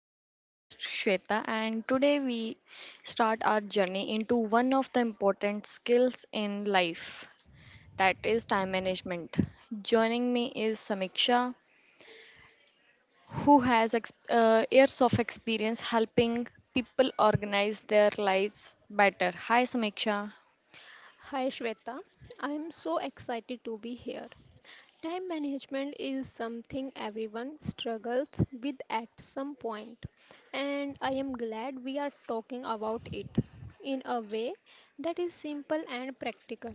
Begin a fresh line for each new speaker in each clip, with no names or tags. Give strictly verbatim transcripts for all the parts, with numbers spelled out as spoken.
I'm your host Shweta and today we start our journey into one of the important skills in life that is time management. Joining me is Samiksha who has ex- uh, years of experience helping people organize their lives better. Hi Samiksha.
Hi Shweta, I am so excited to be here. Time management is something everyone struggles with at some point, and I am glad we are talking about it in a way that is simple and practical.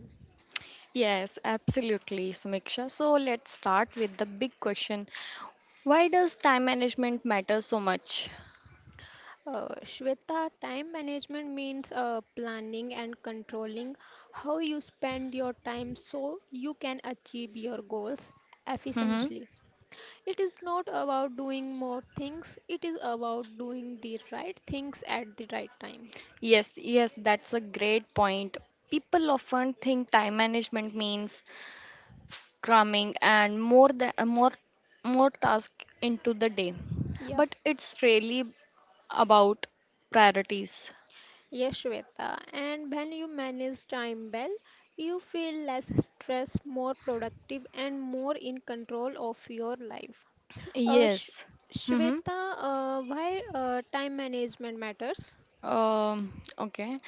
Yes, absolutely Samiksha. So let's start with the big question. Why does time management matter so much?
Uh, Shweta, time management means uh, planning and controlling how you spend your time so you can achieve your goals
Mm-hmm.
efficiently. It is not about doing more things, it is about doing the right things at the right time.
Yes, yes, that's a great point. People often think time management means cramming and more than uh, more more tasks into the day,
Yeah,
but it's really about priorities.
yes, Shweta. And when you manage time well, you feel less stressed, more productive, and more in control of your life. Uh, Sh-
Yes.
Shweta,
Mm-hmm.
uh, why uh, time management matters?
Um, okay.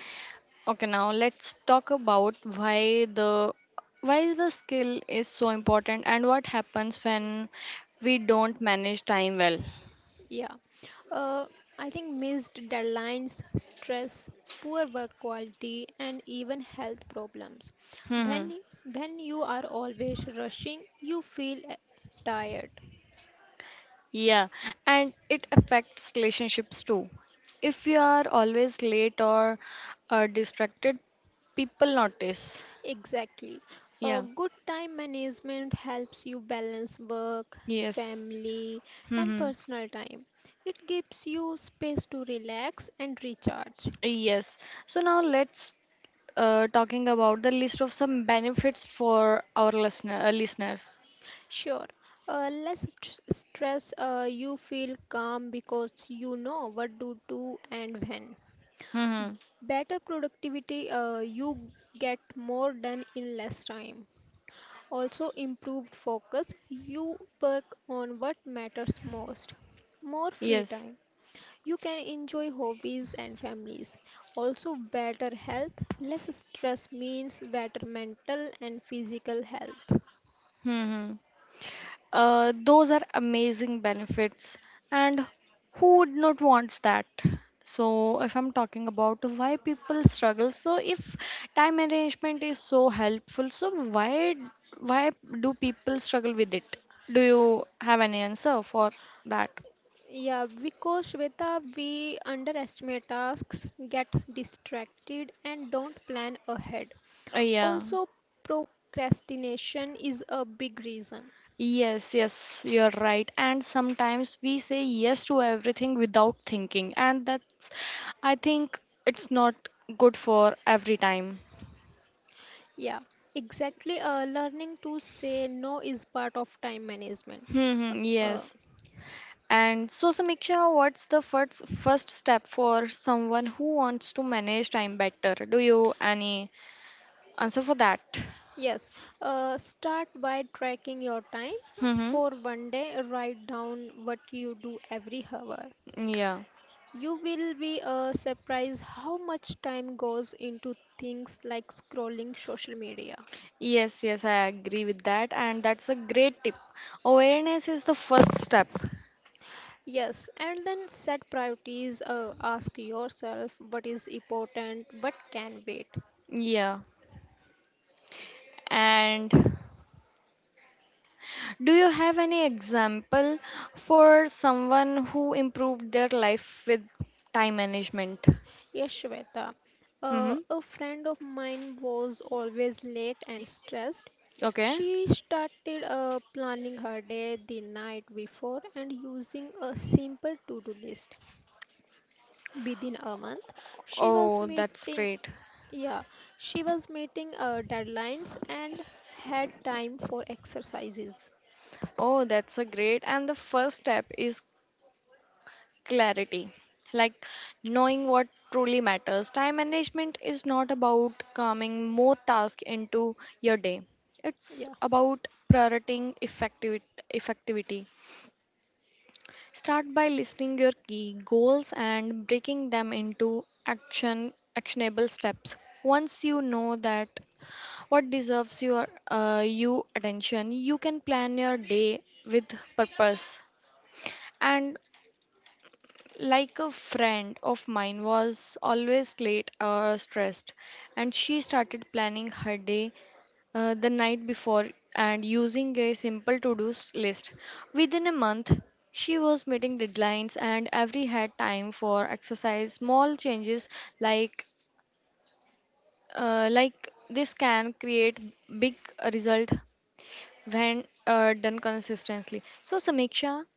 Okay, now let's talk about why the why the skill is so important and what happens when we don't manage time well.
Yeah. Uh, I think missed deadlines, stress, poor work quality, and even health problems. When when you are always rushing, you feel uh, tired.
Yeah, and it affects relationships too. If you are always late or uh, distracted, people notice.
Exactly. Uh,
Yeah.
good time management helps you balance work,
Yes.
family, and
Mm-hmm.
personal time. It gives you space to relax and recharge.
Yes. So now let's uh, talking about the list of some benefits for our listener uh, listeners.
Sure. Uh, less st- stress, uh, you feel calm because you know what to do and when.
Mm-hmm.
Better productivity, uh, you get more done in less time. Also, improved focus, you work on what matters most. More free
Yes.
time, you can enjoy hobbies and families. Also, better health, less stress means better mental and physical health.
Mm-hmm. Uh, those are amazing benefits, and who would not wants that? So, if I'm talking about why people struggle, so if time management is so helpful, so why why do people struggle with it? Do you have any answer for that?
Yeah, because Shweta, we underestimate tasks, get distracted, and don't plan ahead.
Uh, Yeah.
Also, procrastination is a big reason.
Yes, yes, you're right. And sometimes we say yes to everything without thinking, and that's, I think, it's not good for every time.
Yeah, exactly. Uh, learning to say no is part of time management.
Mm-hmm,
Uh,
yes.
s-
And so, Samiksha, what's the first first step for someone who wants to manage time better? Do you any answer for that?
yes, uh, start by tracking your time.
Mm-hmm.
For one day, write down what you do every hour.
Yeah.
You will be uh, surprised how much time goes into things like scrolling social media.
Yes, yes, I agree with that, and that's a great tip. Awareness is the first step.
Yes, and then set priorities. Uh, ask yourself what is important, what can wait.
Yeah. And do you have any example for someone who improved their life with time management?
Yes, Shweta. Uh,
Mm-hmm.
a friend of mine was always late and stressed.
Okay.
She started uh, planning her day the night before and using a simple to do list. Within a month, she was
Oh, that's
meeting,
great.
yeah, she was meeting uh, deadlines and had time for exercises.
Oh, that's a great. And the first step is clarity. Like knowing what truly matters. Time management is not about cramming more tasks into your day.
Yeah,
It's about prioritizing effectivity. Effectivity. Start by listing your key goals and breaking them into action actionable steps. Once you know that what deserves your uh, you attention, you can plan your day with purpose and like a friend of mine was always late or stressed, and she started planning her day uh, the night before and using a simple to do list. Within a month, she was meeting deadlines and every had time for exercise. Small changes like uh, like this can create big result when uh, done consistently. So, Samiksha,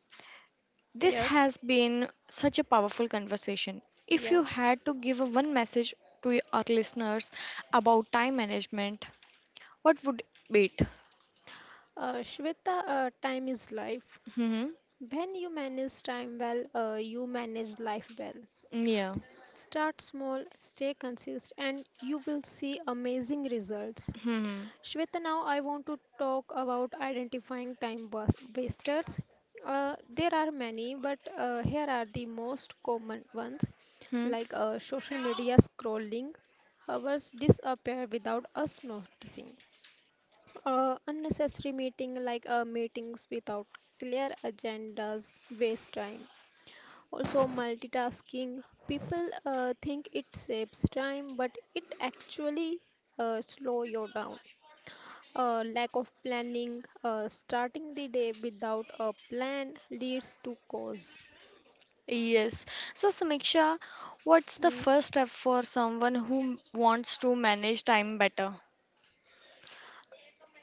this
yes,
has been such a powerful conversation.
yeah,
If you had to give a one message to y- our listeners about time management, what would be it?
uh, Shweta, uh, time is life.
Hmm.
When you manage time well, uh, you manage life well.
Yeah.
S- start small, stay consistent, and you will see amazing results.
Hmm.
Shweta, now I want to talk about identifying time was- wasters. Uh, there are many, but uh, here are the most common ones,
Hmm.
like uh, social media scrolling. Hours disappear without us noticing. Uh, unnecessary meeting like uh, meetings without clear agendas waste time. Also, multitasking. People uh, think it saves time, but it actually uh, slow you down. Uh, lack of planning, uh, starting the day without a plan leads to cause.
Yes. So, Samiksha, what's the
Mm.
first step for someone who wants to manage time better?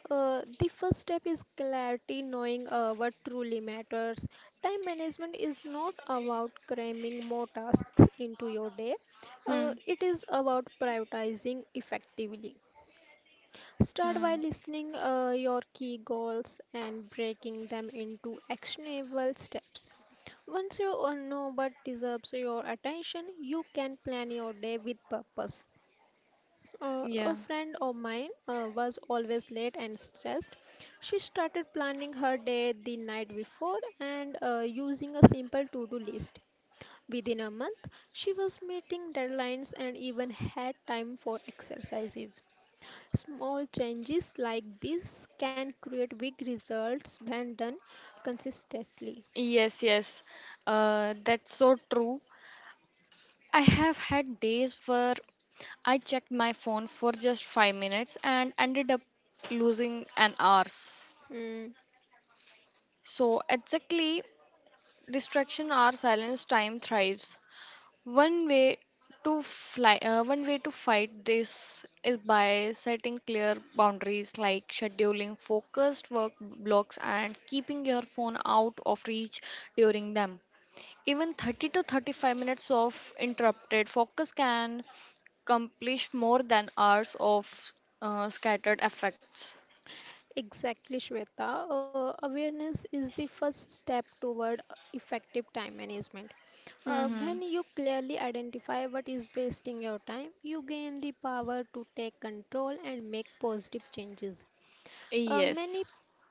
Uh, the first step is clarity, knowing uh, what truly matters. Time management is not about cramming more tasks into your day, uh,
Hmm.
it is about prioritizing effectively. Start by
Hmm.
listening uh, your key goals and breaking them into actionable steps. Once you uh, know what deserves your attention, you can plan your day with purpose. Uh, a
Yeah.
friend of mine uh, was always late and stressed. She started planning her day the night before and uh, using a simple to do list. Within a month, she was meeting deadlines and even had time for exercises. Small changes like this can create big results when done consistently.
Yes, yes. Uh, that's so true. I have had days where I checked my phone for just five minutes and ended up losing an hour.
Hmm.
So, exactly, distraction or silence time thrives. One way to fly, uh, One way to fight this is by setting clear boundaries like scheduling focused work blocks and keeping your phone out of reach during them. Even thirty to thirty-five minutes of interrupted focus can accomplish more than hours of uh, scattered effects.
Exactly, Shweta. Uh, awareness is the first step toward uh, effective time management. Uh, when
Hmm.
you clearly identify what is wasting your time, you gain the power to take control and make positive changes. Uh,
Yes,
many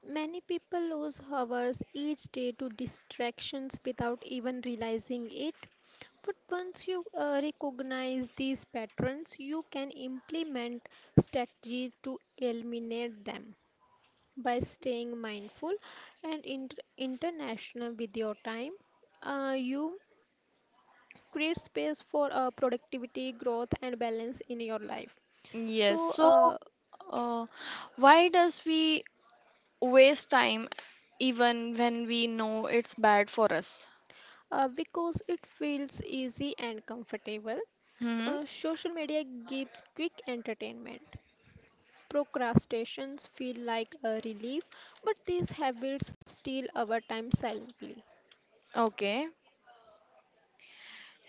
many people lose hours each day to distractions without even realizing it. But once you uh, recognize these patterns, you can implement strategies to eliminate them by staying mindful and inter- international with your time. Uh, you create space for uh, productivity, growth, and balance in your life. So,
yes. So,
uh,
uh, why does we waste time even when we know it's bad for us?
uh, because it feels easy and comfortable,
Hmm.
uh, social media gives quick entertainment. Procrastinations feel like a relief, but these habits steal our time silently.
Okay.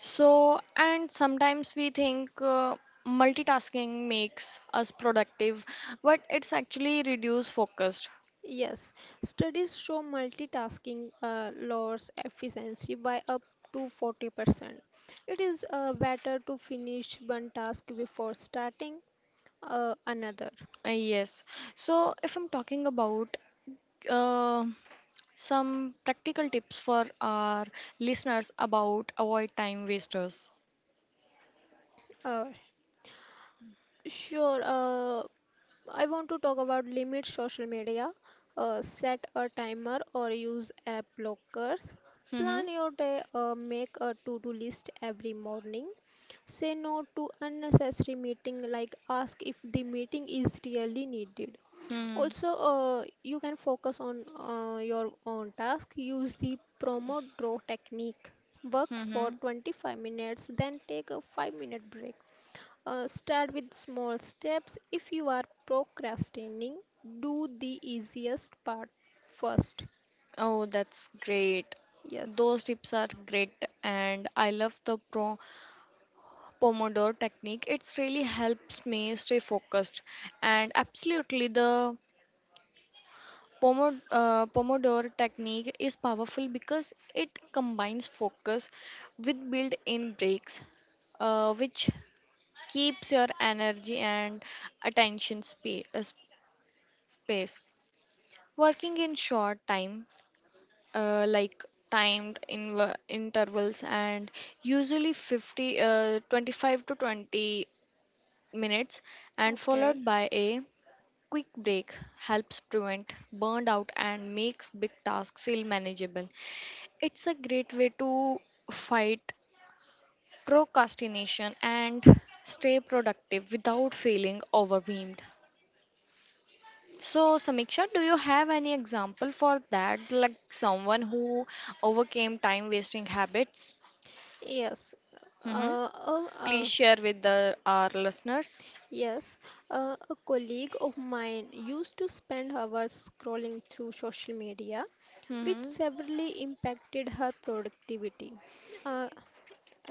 So, and sometimes we think uh, multitasking makes us productive, but it's actually reduce focus.
Yes, studies show multitasking uh, lowers efficiency by up to forty percent. It is uh, better to finish one task before starting uh, another.
Uh, yes. So, if I'm talking about uh, some practical tips for our listeners about avoid time wasters.
Uh, sure, uh, I want to talk about limit social media, uh, set a timer or use app blockers,
Mm-hmm.
plan your day, uh, make a to-do list every morning, say no to unnecessary meeting, like ask if the meeting is really needed.
Hmm.
Also, uh, you can focus on uh, your own task, use the Pomodoro technique, work for
Mm-hmm.
twenty-five minutes, then take a five minute break. Uh, start with small steps. If you are procrastinating, do the easiest part first.
Oh, that's great.
Yes.
Those tips are great, and I love the pro Pomodoro technique. It's really helps me stay focused. And absolutely, the Pomo- uh, Pomodoro technique is powerful because it combines focus with built-in breaks, uh, which keeps your energy and attention spa- uh, space. Working in short time, uh, like timed inv- intervals and usually fifty, uh, twenty-five to twenty minutes, and
Okay.
followed by a quick break helps prevent burnout and makes big tasks feel manageable. It's a great way to fight procrastination and stay productive without feeling overwhelmed. So, Samiksha, do you have any example for that? Like someone who overcame time wasting habits?
Yes.
Mm-hmm.
Uh, uh, uh,
Please share with the, our listeners.
Yes, uh, a colleague of mine used to spend hours scrolling through social media, which
Mm-hmm.
severely impacted her productivity. Uh,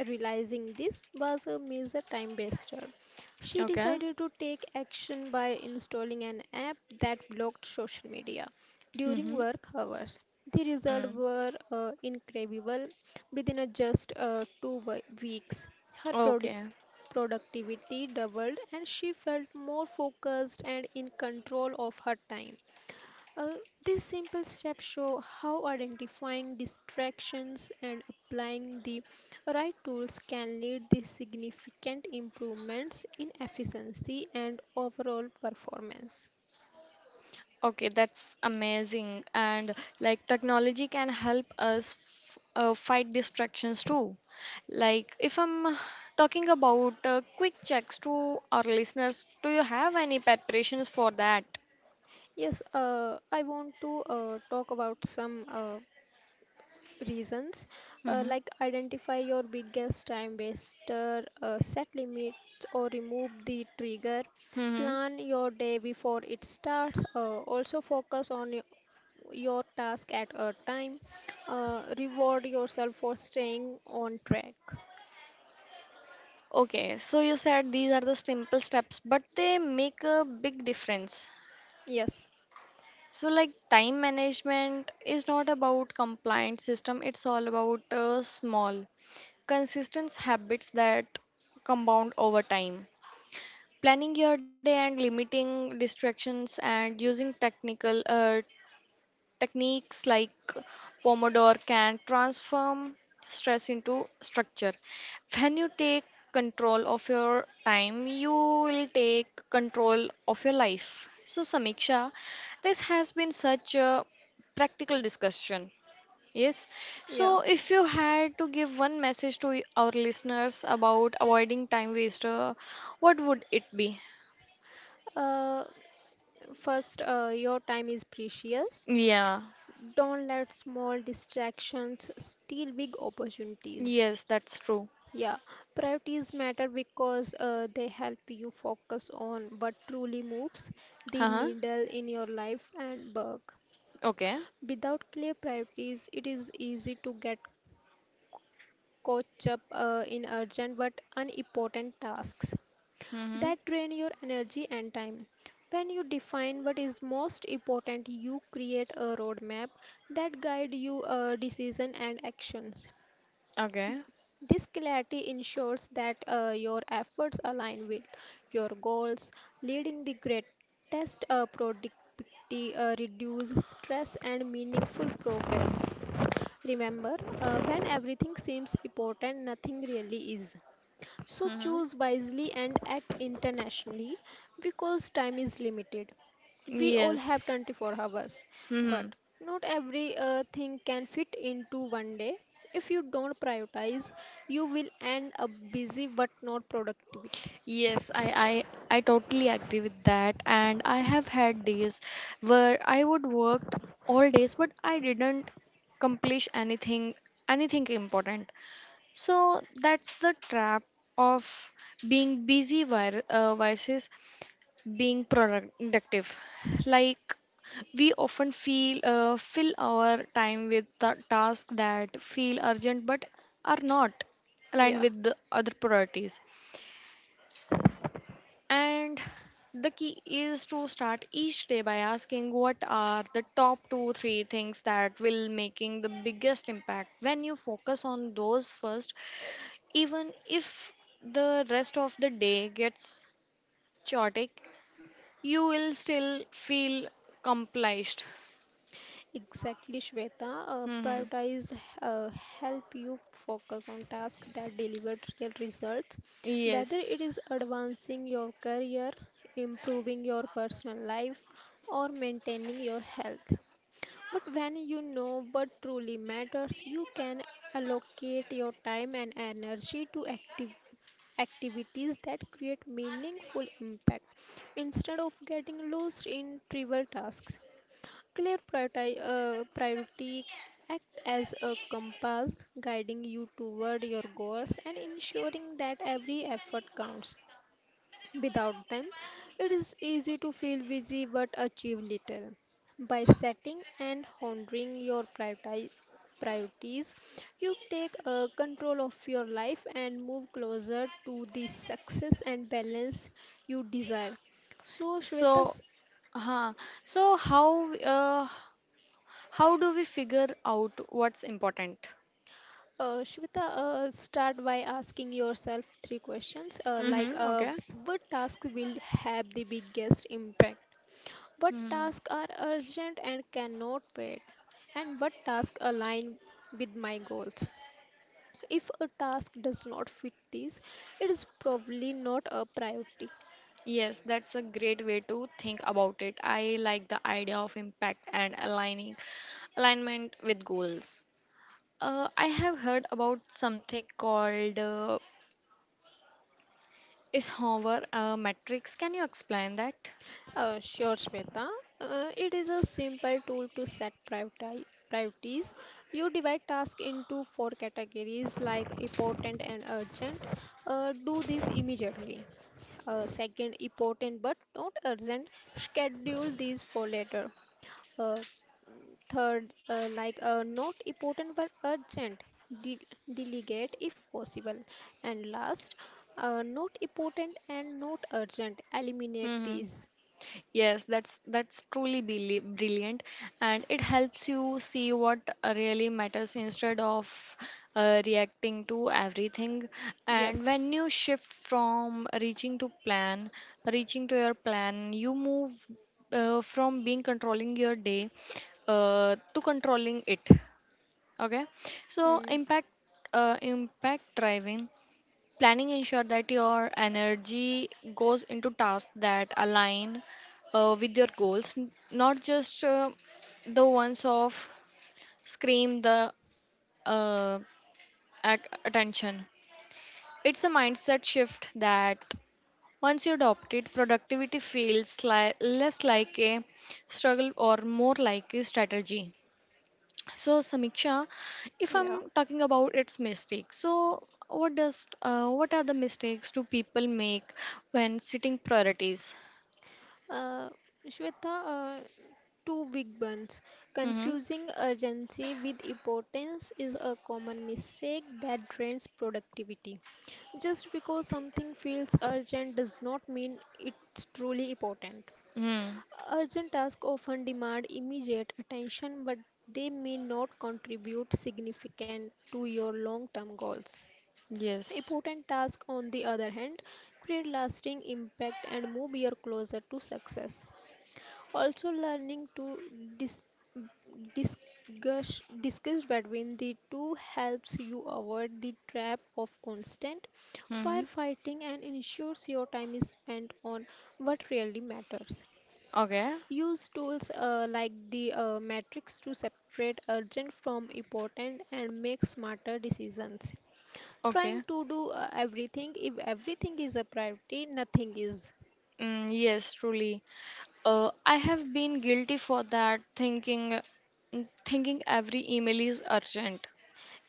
Realizing this was a major time waster, she
Okay.
decided to take action by installing an app that blocked social media during
Mm-hmm.
work hours. The results
Mm.
were uh, incredible. Within a just uh, two wi- weeks, her product
Okay.
productivity doubled and she felt more focused and in control of her time. Uh, these simple steps show how identifying distractions and applying the right tools can lead to significant improvements in efficiency and overall performance.
Okay, that's amazing. And like technology can help us f- uh, fight distractions too. Like if I'm talking about uh, quick checks to our listeners, do you have any preparations for that?
Yes, uh, I want to uh, talk about some uh, reasons, uh,
Mm-hmm.
like identify your biggest time waster, uh, set limits or remove the trigger,
Mm-hmm.
plan your day before it starts, uh, also focus on your, your task at a time, uh, reward yourself for staying on track.
Okay, so you said these are the simple steps, but they make a big difference.
Yes,
So, like, time management is not about compliant system, it's all about uh, small, consistent habits that compound over time. Planning your day and limiting distractions and using technical uh, techniques like Pomodoro can transform stress into structure. When you take control of your time, you will take control of your life. So, Samiksha, this has been such a practical discussion. Yes.
yeah,
So, if you had to give one message to our listeners about avoiding time waster, what would it be?
uh, first, uh, your time is precious.
Yeah.
Don't let small distractions steal big opportunities.
Yes, that's true.
Yeah, priorities matter because uh, they help you focus on what truly moves the
Uh huh.
needle in your life and work.
Okay.
Without clear priorities, it is easy to get caught up uh, in urgent but unimportant tasks
Mm-hmm.
that drain your energy and time. When you define what is most important, you create a roadmap that guide your decision and actions.
Okay.
This clarity ensures that uh, your efforts align with your goals, leading the greatest uh, productivity, uh, reduced stress, and meaningful progress. Remember, uh, when everything seems important, nothing really is. So
Mm-hmm.
choose wisely and act internationally because time is limited. We all have
Yes.
twenty-four hours, but
Mm-hmm.
not every uh, thing can fit into one day. If you don't prioritize, you will end up busy but not productive.
Yes, I, I I totally agree with that. And I have had days where I would work all days, but I didn't accomplish anything anything important. So that's the trap of being busy vir- uh, vices being productive. Like we often feel uh, fill our time with the tasks that feel urgent but are not aligned
Yeah.
with the other priorities. And the key is to start each day by asking what are the top two three things that will making the biggest impact. When you focus on those first, even if the rest of the day gets chaotic, you will still feel accomplished.
Exactly, Shweta. Uh,
Hmm.
prioritize uh, help you focus on tasks that deliver real results, whether it
Yes.
is advancing your career, improving your personal life, or maintaining your health. But when you know what truly matters, you can allocate your time and energy to active activities that create meaningful impact instead of getting lost in trivial tasks. Clear priority, uh, priority act as a compass guiding you toward your goals and ensuring that every effort counts. Without them, it is easy to feel busy but achieve little. By setting and honoring your prioriti- priorities, you take uh, control of your life and move closer to the success and balance you desire. So, Shweta.
So, huh. So how uh, how do we figure out what's important?
Uh, Shweta, uh, start by asking yourself three questions, uh, like
Mm-hmm.
uh,
Okay.
what task will have the biggest impact? What
Hmm.
tasks are urgent and cannot wait? And what tasks align with my goals? If a task does not fit these, it is probably not a priority.
Yes, that's a great way to think about it. I like the idea of impact and aligning alignment with goals. Uh, I have heard about something called uh, Eisenhower uh, matrix. Can you explain that?
Uh, sure, Shweta. Uh, it is a simple tool to set prioriti- priorities. You divide tasks into four categories, like important and urgent. Uh, do this immediately. Uh, second, important but not urgent. Schedule these for later. Uh, Third, uh, like uh, not important but urgent. De- delegate if possible. And last, uh, not important and not urgent. Eliminate
Mm-hmm.
these.
Yes, that's that's truly brilli- brilliant, and it helps you see what uh, really matters instead of uh, reacting to everything. And when
Yes.
you shift from reaching to plan, reaching to your plan, you move uh, from being controlling your day uh, to controlling it. Okay, so
Mm,
impact uh, impact driving. Planning ensure that your energy goes into tasks that align uh, with your goals, n- not just uh, the ones of scream the uh, ac- attention. It's a mindset shift that once you adopt it, productivity feels li- less like a struggle or more like a strategy. So Samiksha, if
yeah.
I'm talking about its mistakes, so what does uh, what are the mistakes do people make when setting priorities?
Uh, Shweta, uh, two big ones.
Mm-hmm.
Confusing urgency with importance is a common mistake that drains productivity. Just because something feels urgent does not mean it's truly important.
Mm.
Urgent tasks often demand immediate attention, but they may not contribute significant to your long-term goals.
Yes.
Important tasks, on the other hand, create lasting impact and move you closer to success. Also, learning to dis- discuss, discuss between the two helps you avoid the trap of constant
Mm-hmm.
firefighting and ensures your time is spent on what really matters.
Okay.
Use tools uh, like the uh, matrix to separate urgent from important and make smarter decisions. Trying
Okay.
to do uh, everything, if everything is a priority, nothing is.
Mm, yes, truly. Uh, I have been guilty for that, thinking, thinking every email is urgent.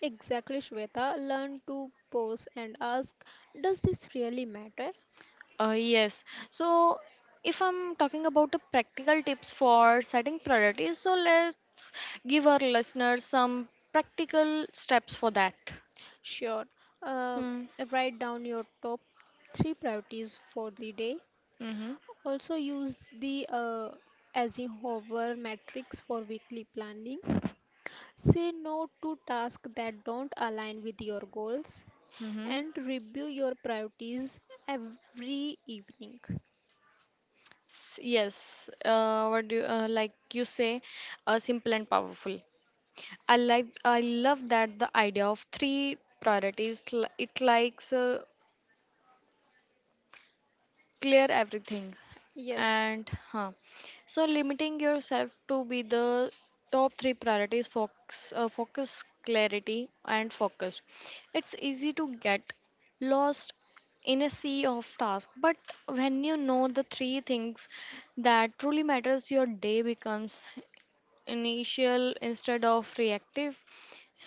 Exactly, Shweta. Learn to pause and ask, does this really matter?
Uh, yes. So, if I'm talking about the practical tips for setting priorities, so let's give our listeners some practical steps for that.
Sure. uh,
Hmm.
Write down your top three priorities for the day.
Mm-hmm.
Also use the uh, as a hover matrix for weekly planning. Say no to tasks that don't align with your goals,
Mm-hmm.
and review your priorities every evening.
S- Yes. Uh, what do you, uh, like you say? Uh, simple and powerful. I like. I love that the idea of three priorities. cl- It likes uh, clear everything
Yes.
and huh. So limiting yourself to be the top three priorities focus, uh, focus clarity and focus, it's easy to get lost in a sea of tasks, but when you know the three things that truly matters your day becomes initial instead of reactive.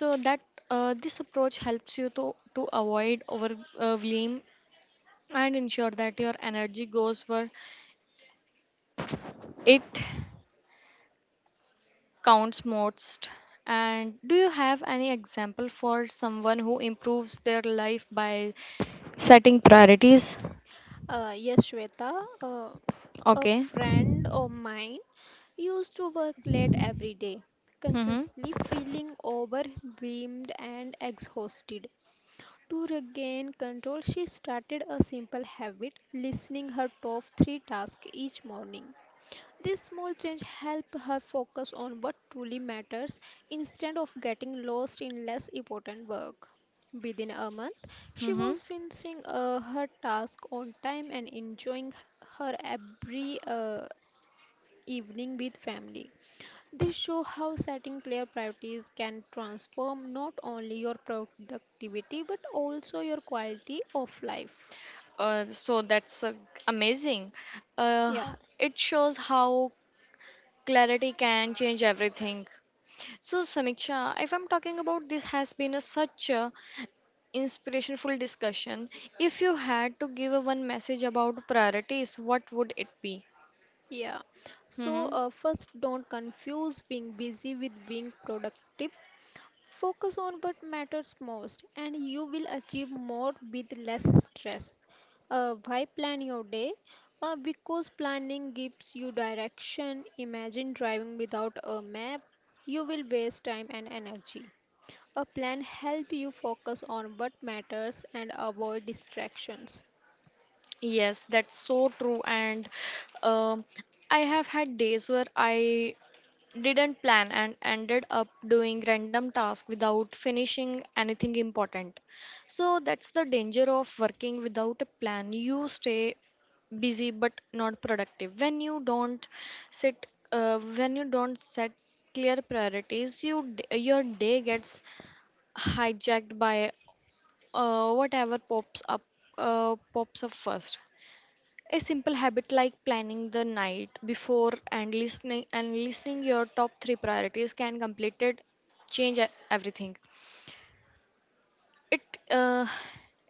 So that uh, this approach helps you to to avoid over uh, blame and ensure that your energy goes where it counts most. And do you have any example for someone who improves their life by setting priorities?
Uh, yes, Shweta. Uh, a
Okay.
friend of mine used to work late every day,
Mm-hmm.
constantly feeling overwhelmed and exhausted. To regain control, she started a simple habit, listening her top three tasks each morning. This small change helped her focus on what truly matters instead of getting lost in less important work. Within a month, she
Mm-hmm.
was finishing uh, her task on time and enjoying her every uh, evening with family. This show how setting clear priorities can transform not only your productivity but also your quality of life.
Uh, so that's uh, amazing. Uh,
Yeah.
it shows how clarity can change everything. So, Samiksha, if I'm talking about this, has been a such a inspirational discussion. If you had to give a one message about priorities, what would it be?
Yeah. So,
Hmm.
uh, first, don't confuse being busy with being productive. Focus on what matters most, and you will achieve more with less stress. Uh, why plan your day? Uh, because planning gives you direction. Imagine driving without a map. You will waste time and energy. A plan helps you focus on what matters and avoid distractions.
Yes, that's so true. And um, I have had days where I didn't plan and ended up doing random tasks without finishing anything important. So that's the danger of working without a plan. You stay busy but not productive. When you don't sit, uh, when you don't set clear priorities, you d- your day gets hijacked by uh, whatever pops up, uh, pops up first. A simple habit like planning the night before and listening and listening your top three priorities can completed change e- everything. It uh,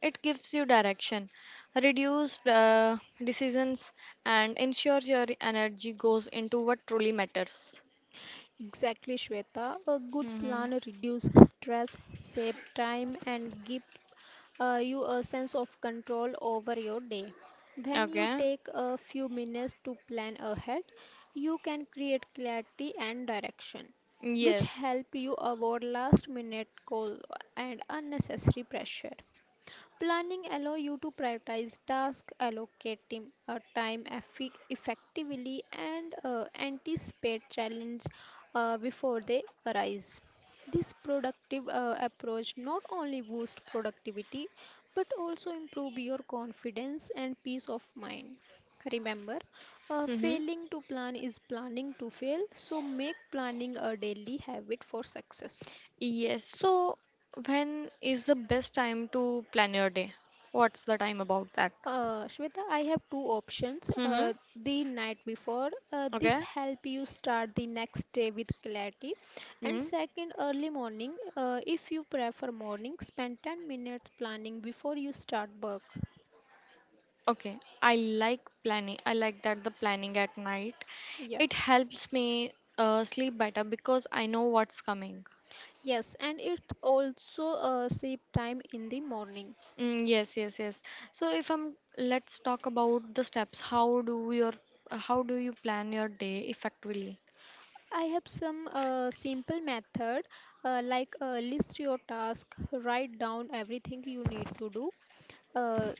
it gives you direction, reduce uh, decisions, and ensure your energy goes into what truly matters.
Exactly, Shweta. A good
Hmm.
plan reduces stress, save time, and give uh, you a sense of control over your day. When you
Okay.
take a few minutes to plan ahead, you can create clarity and direction, which
Yes.
help you avoid last minute goals and unnecessary pressure. Planning allow you to prioritize tasks, allocate tim- uh, time effi- effectively, and uh, anticipate challenge uh, before they arise. This productive uh, approach not only boosts productivity but also improve your confidence and peace of mind. Remember, uh,
Mm-hmm.
failing to plan is planning to fail, so make planning a daily habit for success.
Yes. So when is the best time to plan your day? What's the time about that?
Uh, Shweta, I have two options.
Mm-hmm.
Uh, the night before, uh, this help you start the next day with clarity. And
Okay.
second, early morning, uh, if you prefer morning, spend ten minutes planning before you start work.
Okay, I like planning. I like that the planning at night.
Yeah.
It helps me uh, sleep better because I know what's coming.
Yes, and it also uh, save time in the morning.
Mm, yes, yes, yes. So if I'm, let's talk about the steps. How do your, how do you plan your day effectively?
I have some uh, simple method uh, like uh, list your task, write down everything you need to do, uh,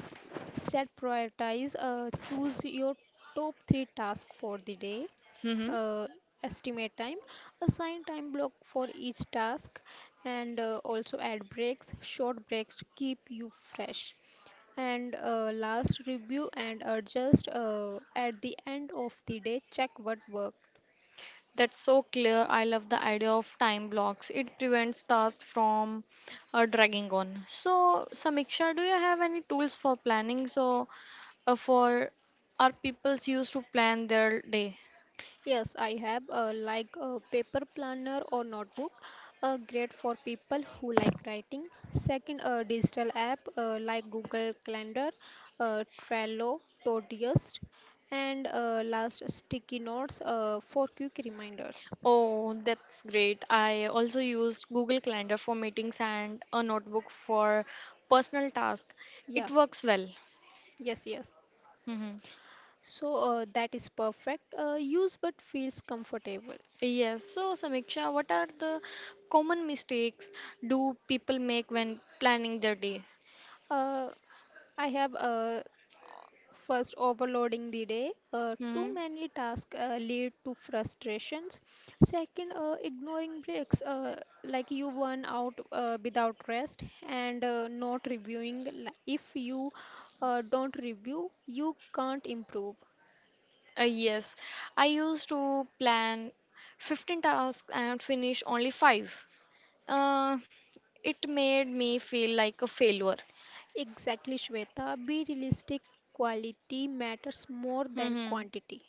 set prioritize uh, choose your top three tasks for the day,
Mm-hmm.
uh, estimate time, assign time block for each task, and uh, also add breaks, short breaks to keep you fresh, and uh, last review and adjust uh, at the end of the day check what worked.
That's so clear. I love the idea of time blocks. It prevents tasks from uh, dragging on. So, Samiksha, do you have any tools for planning? So, uh, for are people used to plan their day?
Yes, I have uh, like a paper planner or notebook, uh, great for people who like writing. Second, a digital app uh, like Google Calendar, uh, Trello, Todoist, and uh, last sticky notes uh, for quick reminders.
Oh, that's great. I also used Google Calendar for meetings and a notebook for personal tasks.
Yeah,
It works well.
yes, yes.
Hmm.
So uh, that is perfect. Uh, use but feels comfortable.
Yes. So, Samiksha, what are the common mistakes do people make when planning their day?
Uh, I have uh, first overloading the day. Uh, too
Hmm.
many tasks uh, lead to frustrations. Second, uh, ignoring breaks, uh, like you burn out uh, without rest, and uh, not reviewing. Li- If you uh, don't review, you can't improve.
Uh, yes, I used to plan fifteen tasks and finish only five. Uh, it made me feel like a failure.
Exactly, Shweta. Be realistic. Quality matters more than
Hmm.
quantity.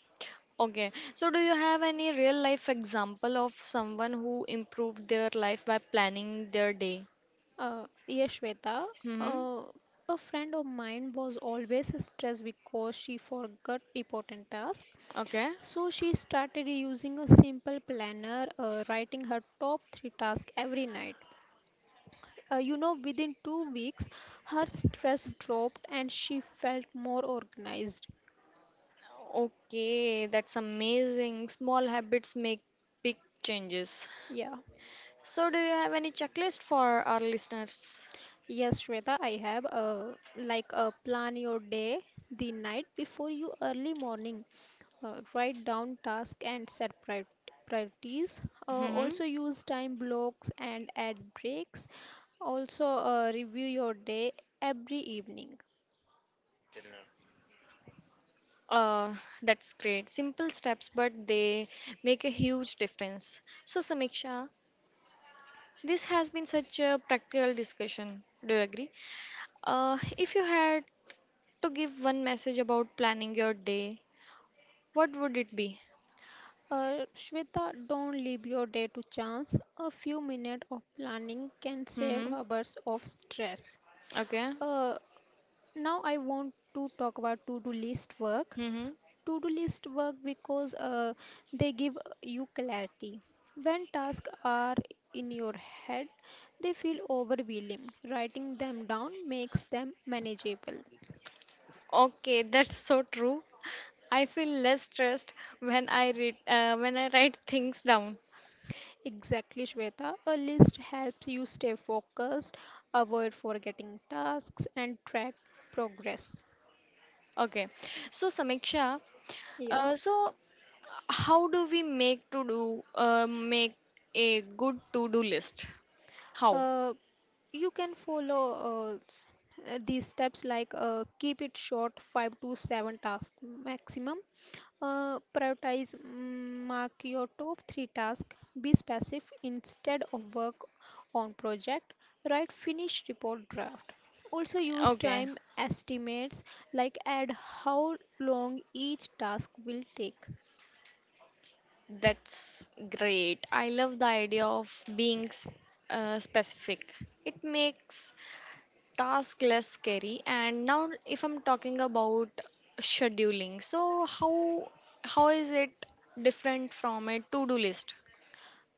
Okay, so do you have any real life example of someone who improved their life by planning their day?
Uh, yes, Shweta.
Hmm.
Uh, a friend of mine was always stressed because she forgot important tasks.
Okay.
So she started using a simple planner, uh, writing her top three tasks every night. Uh, you know, within two weeks, her stress dropped and she felt more organized.
Okay, that's amazing. Small habits make big changes.
Yeah.
So do you have any checklist for our listeners?
Yes, Shweta, I have uh, like uh, plan your day the night before you early morning. Uh, write down tasks and set prior priorities. Uh,
Hmm.
also use time blocks and add breaks. Also uh, review your day every evening.
Uh, that's great. Simple steps, but they make a huge difference. So, Samiksha, this has been such a practical discussion. Do you agree? Uh, if you had to give one message about planning your day, what would it be?
Uh, Shweta, don't leave your day to chance. A few minutes of planning can save
Mm-hmm.
hours of stress.
Okay.
Uh, Now I want to talk about to-do list work.
Mm-hmm.
To-do list work because uh, they give you clarity. When tasks are in your head, they feel overwhelming. Writing them down makes them manageable.
Okay, that's so true. I feel less stressed when I read uh, when I write things down.
Exactly, Shweta. A list helps you stay focused, avoid forgetting tasks, and track progress.
Okay. So, Samiksha,
Yeah.
uh, so How do we make to do uh, make a good to do list? How?
Uh, you can follow uh, s- uh, these steps like, uh, keep it short, five to seven tasks maximum, uh, prioritize, mm, mark your top three tasks, be specific, instead of work on project write finished report draft, also use
Okay,
time estimates like add how long each task will take.
that's great. I love the idea of being s- uh, specific. It makes task less scary. And now, if I'm talking about scheduling, so how how is it different from a to do list?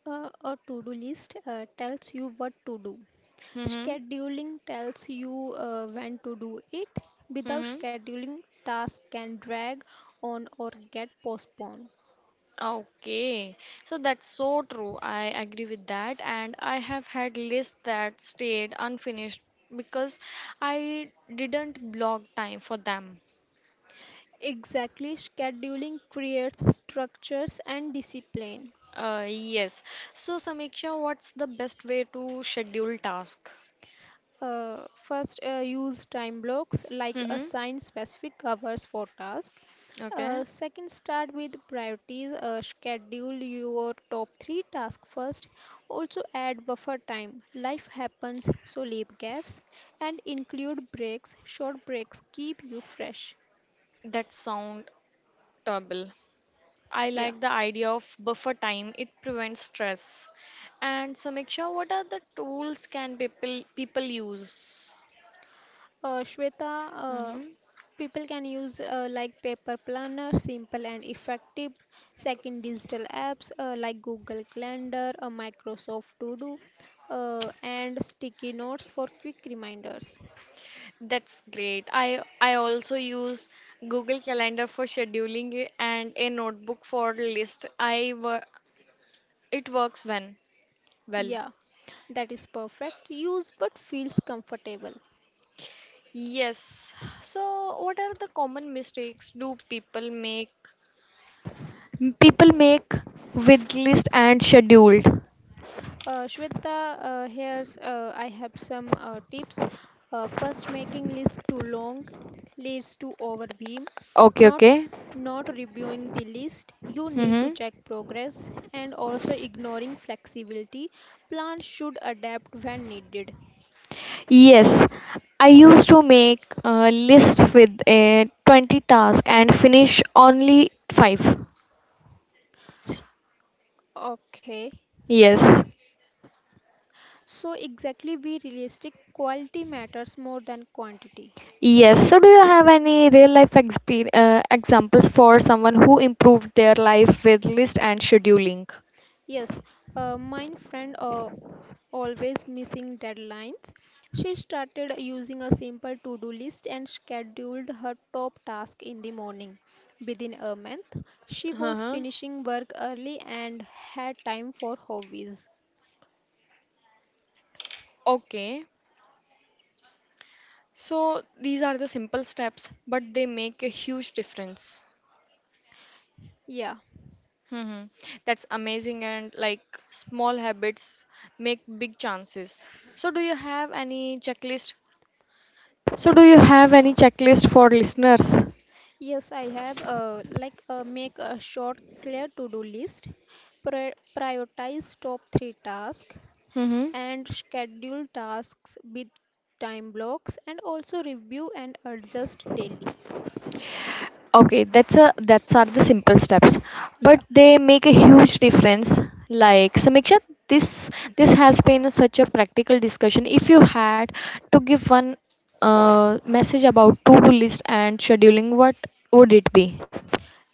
Uh, a to-do list uh, tells you what to do.
Mm-hmm.
Scheduling tells you uh, when to do it. Without
Mm-hmm.
scheduling, tasks can drag on or get postponed.
Okay, so that's so true. I agree with that. And I have had lists that stayed unfinished because I didn't block time for them.
Exactly, scheduling creates structures and discipline.
Uh, yes. So, Samiksha, what's the best way to schedule task?
Uh, first, uh, use time blocks like
Mm-hmm.
assign specific covers for tasks.
Okay,
Uh, second, start with priorities. Uh, schedule your top three tasks first. Also, add buffer time. Life happens, so leave gaps and include breaks. Short breaks keep you fresh.
that sound terrible. I
Yeah.
like the idea of buffer time. It prevents stress. And Samiksha, what are the tools can people people use?
Uh, Shweta, uh,
Mm-hmm.
people can use uh, like paper planner, simple and effective. Second, digital apps uh, like Google Calendar, uh, Microsoft To Do, uh, and sticky notes for quick reminders.
That's great. I I also use Google Calendar for scheduling it and a notebook for list. I wor- it works when well.
Yeah, that is perfect. Use but feels comfortable.
Yes. So what are the common mistakes do people make? People make with list and scheduled.
Uh, Shweta, uh, here's uh, I have some uh, tips. Uh, first, making list too long leads to overwhelm.
Okay,
Not
okay.
not reviewing the list. You need to
Mm-hmm.
check progress, and also ignoring flexibility. Plans should adapt when needed.
Yes, I used to make uh, lists with a twenty task and finish only five.
Okay,
Yes.
so exactly be realistic. Quality matters more than quantity.
Yes, so do you have any real life exper- uh, examples for someone who improved their life with list and scheduling?
Yes, uh, my friend uh, always missing deadlines. She started using a simple to-do list and scheduled her top task in the morning. Within a month, she was
Uh-huh.
finishing work early and had time for hobbies.
Okay. So these are the simple steps, but they make a huge difference.
Yeah.
Hmm. That's amazing, and like small habits make big chances. So, do you have any checklist? So do you have any checklist for listeners?
Yes, I have uh, like uh, make a short clear to-do list, pri prioritize top three tasks,
Mm-hmm.
and schedule tasks with time blocks, and also review and adjust daily.
Okay, that's a that's are the simple steps,
Yeah.
but they make a huge difference. Like Samiksha, this this has been such a practical discussion. If you had to give one uh, message about to-do list and scheduling, what would it be?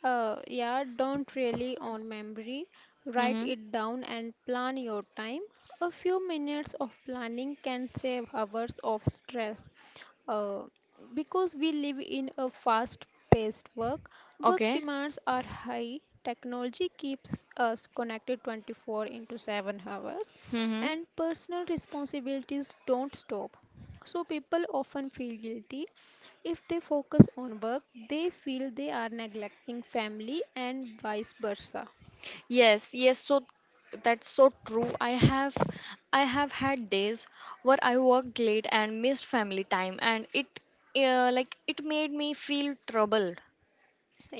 Uh, yeah, don't really on memory. Write
Mm-hmm.
it down and plan your time. A few minutes of planning can save hours of stress. Uh, because we live in a fast paced work, work
Okay.
demands are high, technology keeps us connected twenty-four into seven hours,
Mm-hmm.
and personal responsibilities don't stop. So, people often feel guilty if they focus on work, they feel they are neglecting family and vice versa.
Yes, yes, so that's so true. I have I have had days where I worked late and missed family time, and it uh, like it made me feel troubled.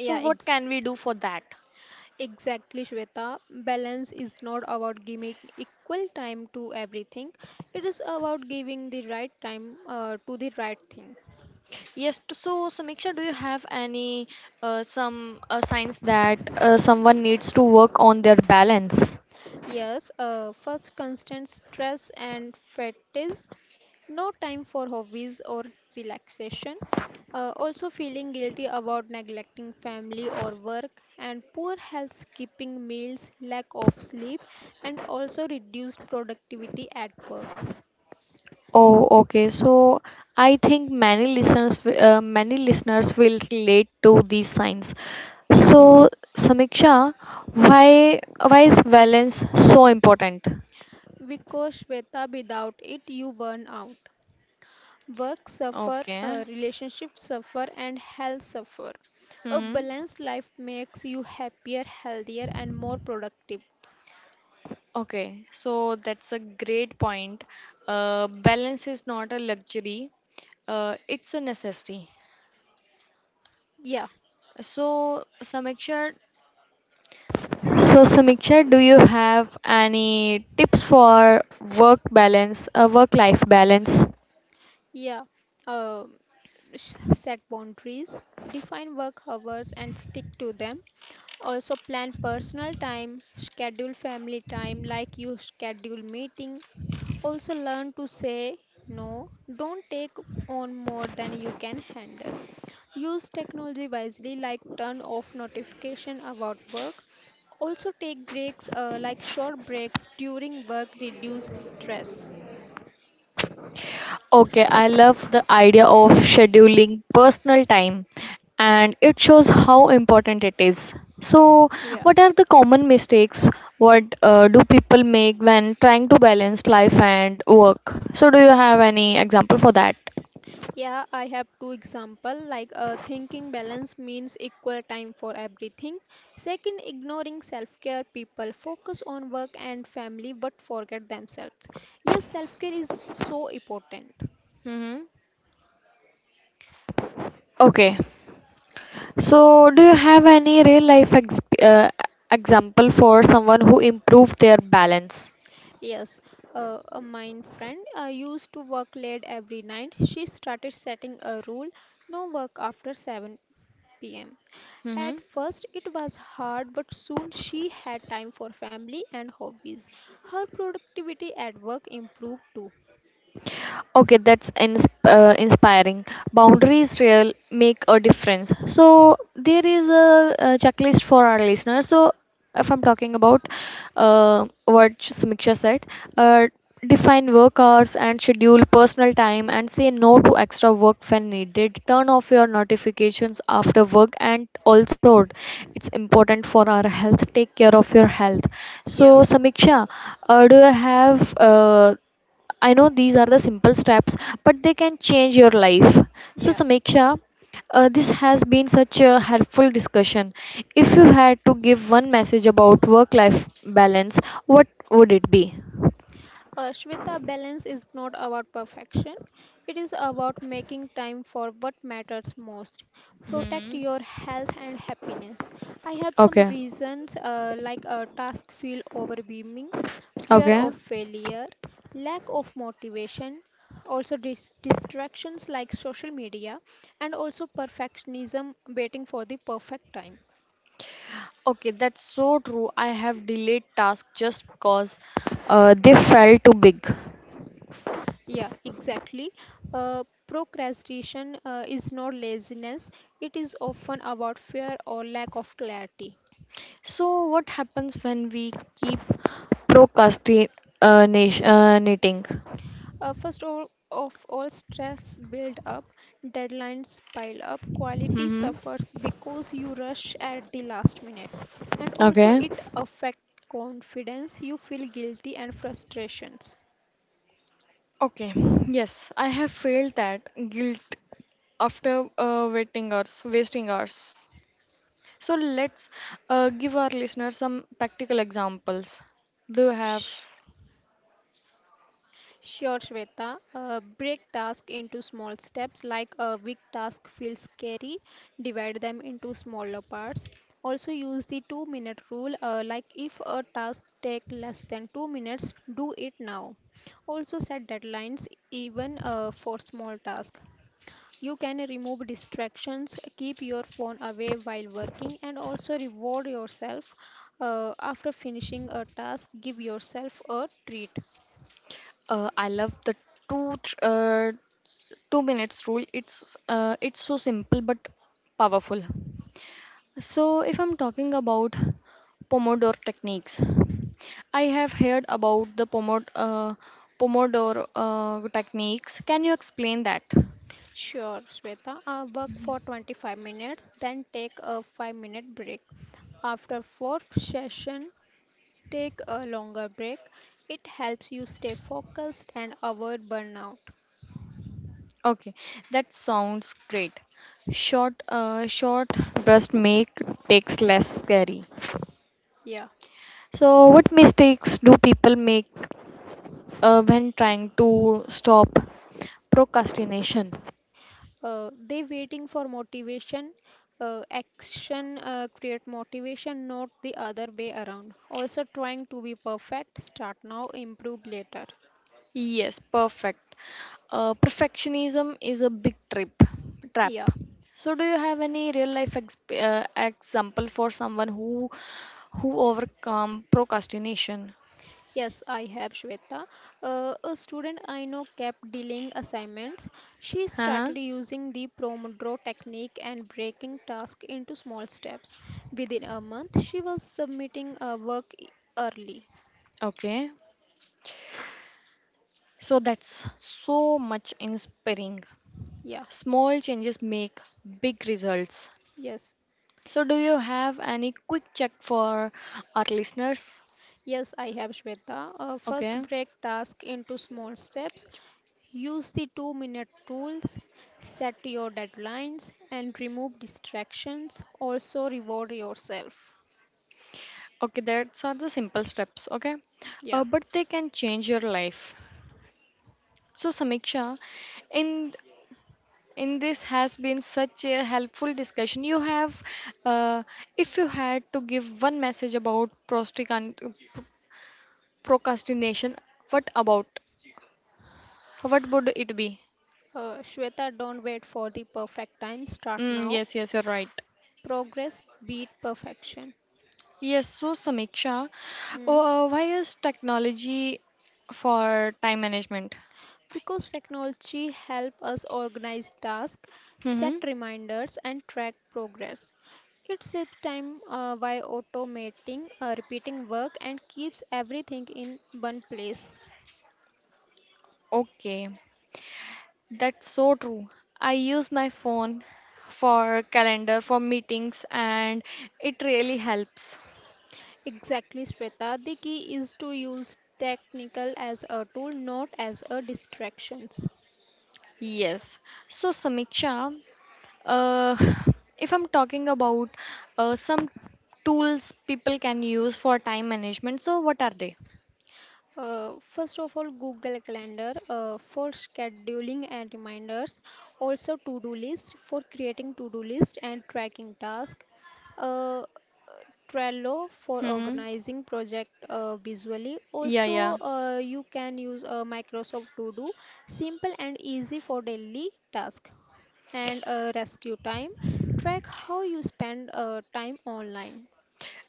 So what
ex-
can we do for that?
exactly, Shweta. Balance is not about giving equal time to everything, it is about giving the right time uh, to the right thing.
Yes, t- so Samiksha, do you have any uh, some uh, signs that uh, someone needs to work on their balance?
Yes, uh, first constant stress and fatigue, no time for hobbies or relaxation. Uh, also, feeling guilty about neglecting family or work, and poor health, skipping meals, lack of sleep, and also reduced productivity at work.
Oh, okay. So I think many listeners, w- uh, many listeners will relate to these signs.
Yeah,
So Samiksha, why why is balance so important?
because Shweta, without it, you burn out. Work suffer,
Okay.
uh, relationships suffer, and health suffer. A
Mm-hmm.
balanced life makes you happier, healthier, and more productive.
Okay, so that's a great point. Uh, balance is not a luxury, uh, it's a necessity.
Yeah,
So, Samiksha, so Samiksha, do you have any tips for work balance, uh, work-life balance?
yeah. Uh, sh- Set boundaries, define work hours and stick to them. Also plan personal time, schedule family time like you schedule meeting. Also, learn to say no. Don't take on more than you can handle. Use technology wisely, like turn off notification about work. Also, take breaks, uh, like short breaks during work, reduce stress.
Okay, I love the idea of scheduling personal time, and it shows how important it is. So,
Yeah.
what are the common mistakes what uh, do people make when trying to balance life and work? So, do you have any example for that?
Yeah, I have two example like uh, thinking balance means equal time for everything. Second, ignoring self-care, people focus on work and family but forget themselves. Yes, self-care is so important.
Hmm. Okay. So, do you have any real life ex- uh, example for someone who improved their balance?
Yes, uh, uh, my friend uh, used to work late every night. She started setting a rule, no work after seven p m.
Mm-hmm.
At first, it was hard, but soon she had time for family and hobbies. Her productivity at work improved too.
Okay, that's ins- uh, inspiring. Boundaries real make a difference. So there is a, a checklist for our listeners. So if I'm talking about uh, what Samiksha said, uh, define work hours and schedule personal time and say no to extra work when needed. Turn off your notifications after work, and also it's important for our health. Take care of your health.
Yeah,
So Samiksha, uh, do you have uh, I know these are the simple steps, but they can change your life. So,
yeah.
Samiksha, uh, this has been such a helpful discussion. If you had to give one message about work life balance, what would it be?
Uh, Shweta, balance is not about perfection, it is about making time for what matters most. Protect
Hmm.
your health and happiness. I have some
Okay,
reasons uh, like a task feel overwhelming, fear
okay,
of failure, lack of motivation, also dis- distractions like social media, and also perfectionism, waiting for the perfect time.
okay, that's so true. I have delayed tasks just because uh, they felt too big.
Yeah, exactly. Uh, procrastination uh, is not laziness, it is often about fear or lack of clarity.
So, what happens when we keep procrastinating? Uh
Uh, first all, of all, stress build up, deadlines pile up, quality
hmm.
suffers because you rush at the last minute, and also
Okay.
it affect confidence. You feel guilty and frustrations.
Okay, yes, I have felt that guilt after uh, waiting hours, wasting hours. So let's uh, give our listeners some practical examples. Do you have?
Sh- Sure, Shweta. Uh, break task into small steps, like a big task feels scary. Divide them into smaller parts. Also, use the two minute rule, uh, like if a task takes less than two minutes, do it now. Also, set deadlines even uh, for small tasks. You can remove distractions, keep your phone away while working, and also reward yourself uh, after finishing a task. Give yourself a treat.
Uh, I love the two th- uh, two minutes rule. It's uh, it's so simple but powerful. So if I'm talking about Pomodoro techniques, I have heard about the Pomodoro uh, Pomodoro uh, techniques. Can you explain that?
Sure, Shweta. Uh, work for twenty-five minutes, then take a five minute break. After fourth session, take a longer break. It helps you stay focused and avoid burnout.
Okay, that sounds great. Short, uh, short breast make takes less scary.
Yeah.
So, what mistakes do people make uh, when trying to stop procrastination?
Uh, they waiting for motivation. Uh, action uh, create motivation, not the other way around. Also, trying to be perfect. Start now, improve later.
Yes, perfect. Uh, perfectionism is a big trip trap.
Yeah.
So, do you have any real life ex- uh, example for someone who who overcome procrastination?
Yes, I have Shweta. Uh, a student I know kept delaying assignments. She
Uh-huh.
started using the Pomodoro technique and breaking tasks into small steps. Within a month, she was submitting uh, work e- early.
Okay. So that's so much inspiring.
Yeah,
Small changes make big results.
yes.
So do you have any quick check for our listeners?
Yes, I have Shweta. Uh, first,
Okay.
break task into small steps. Use the two minute rules, set your deadlines, and remove distractions. Also, reward yourself.
Okay, that's are the simple steps, okay? Uh,
Yeah.
but they can change your life. So Samiksha, in in this has been such a helpful discussion. You have, uh, if you had to give one message about prostican- procrastination, what about? What would it be?
Uh, Shweta, don't wait for the perfect time. Start
Mm,
now.
yes, yes, you're right.
Progress beat perfection.
Yes, so Samiksha,
Hmm.
uh, why is technology for time management?
Because technology help us organize tasks, set
Mm-hmm.
reminders, and track progress. It saves time uh, by automating uh, repeating work and keeps everything in one place.
Okay, that's so true. I use my phone for calendar, for meetings, and it really helps.
Exactly, Shweta. The key is to use technical as a tool, not as a distractions.
Yes. So, Samiksha, uh, if I'm talking about uh, some tools people can use for time management, so what are they?
Uh, first of all, Google Calendar uh, for scheduling and reminders. Also, to do list for creating to do list and tracking tasks. Uh, Trello for
Mm-hmm.
organizing project uh, visually.
Yeah,
Also,
yeah.
uh, you can use uh, Microsoft To Do, simple and easy for daily task. And uh, rescue time, track how you spend uh, time online.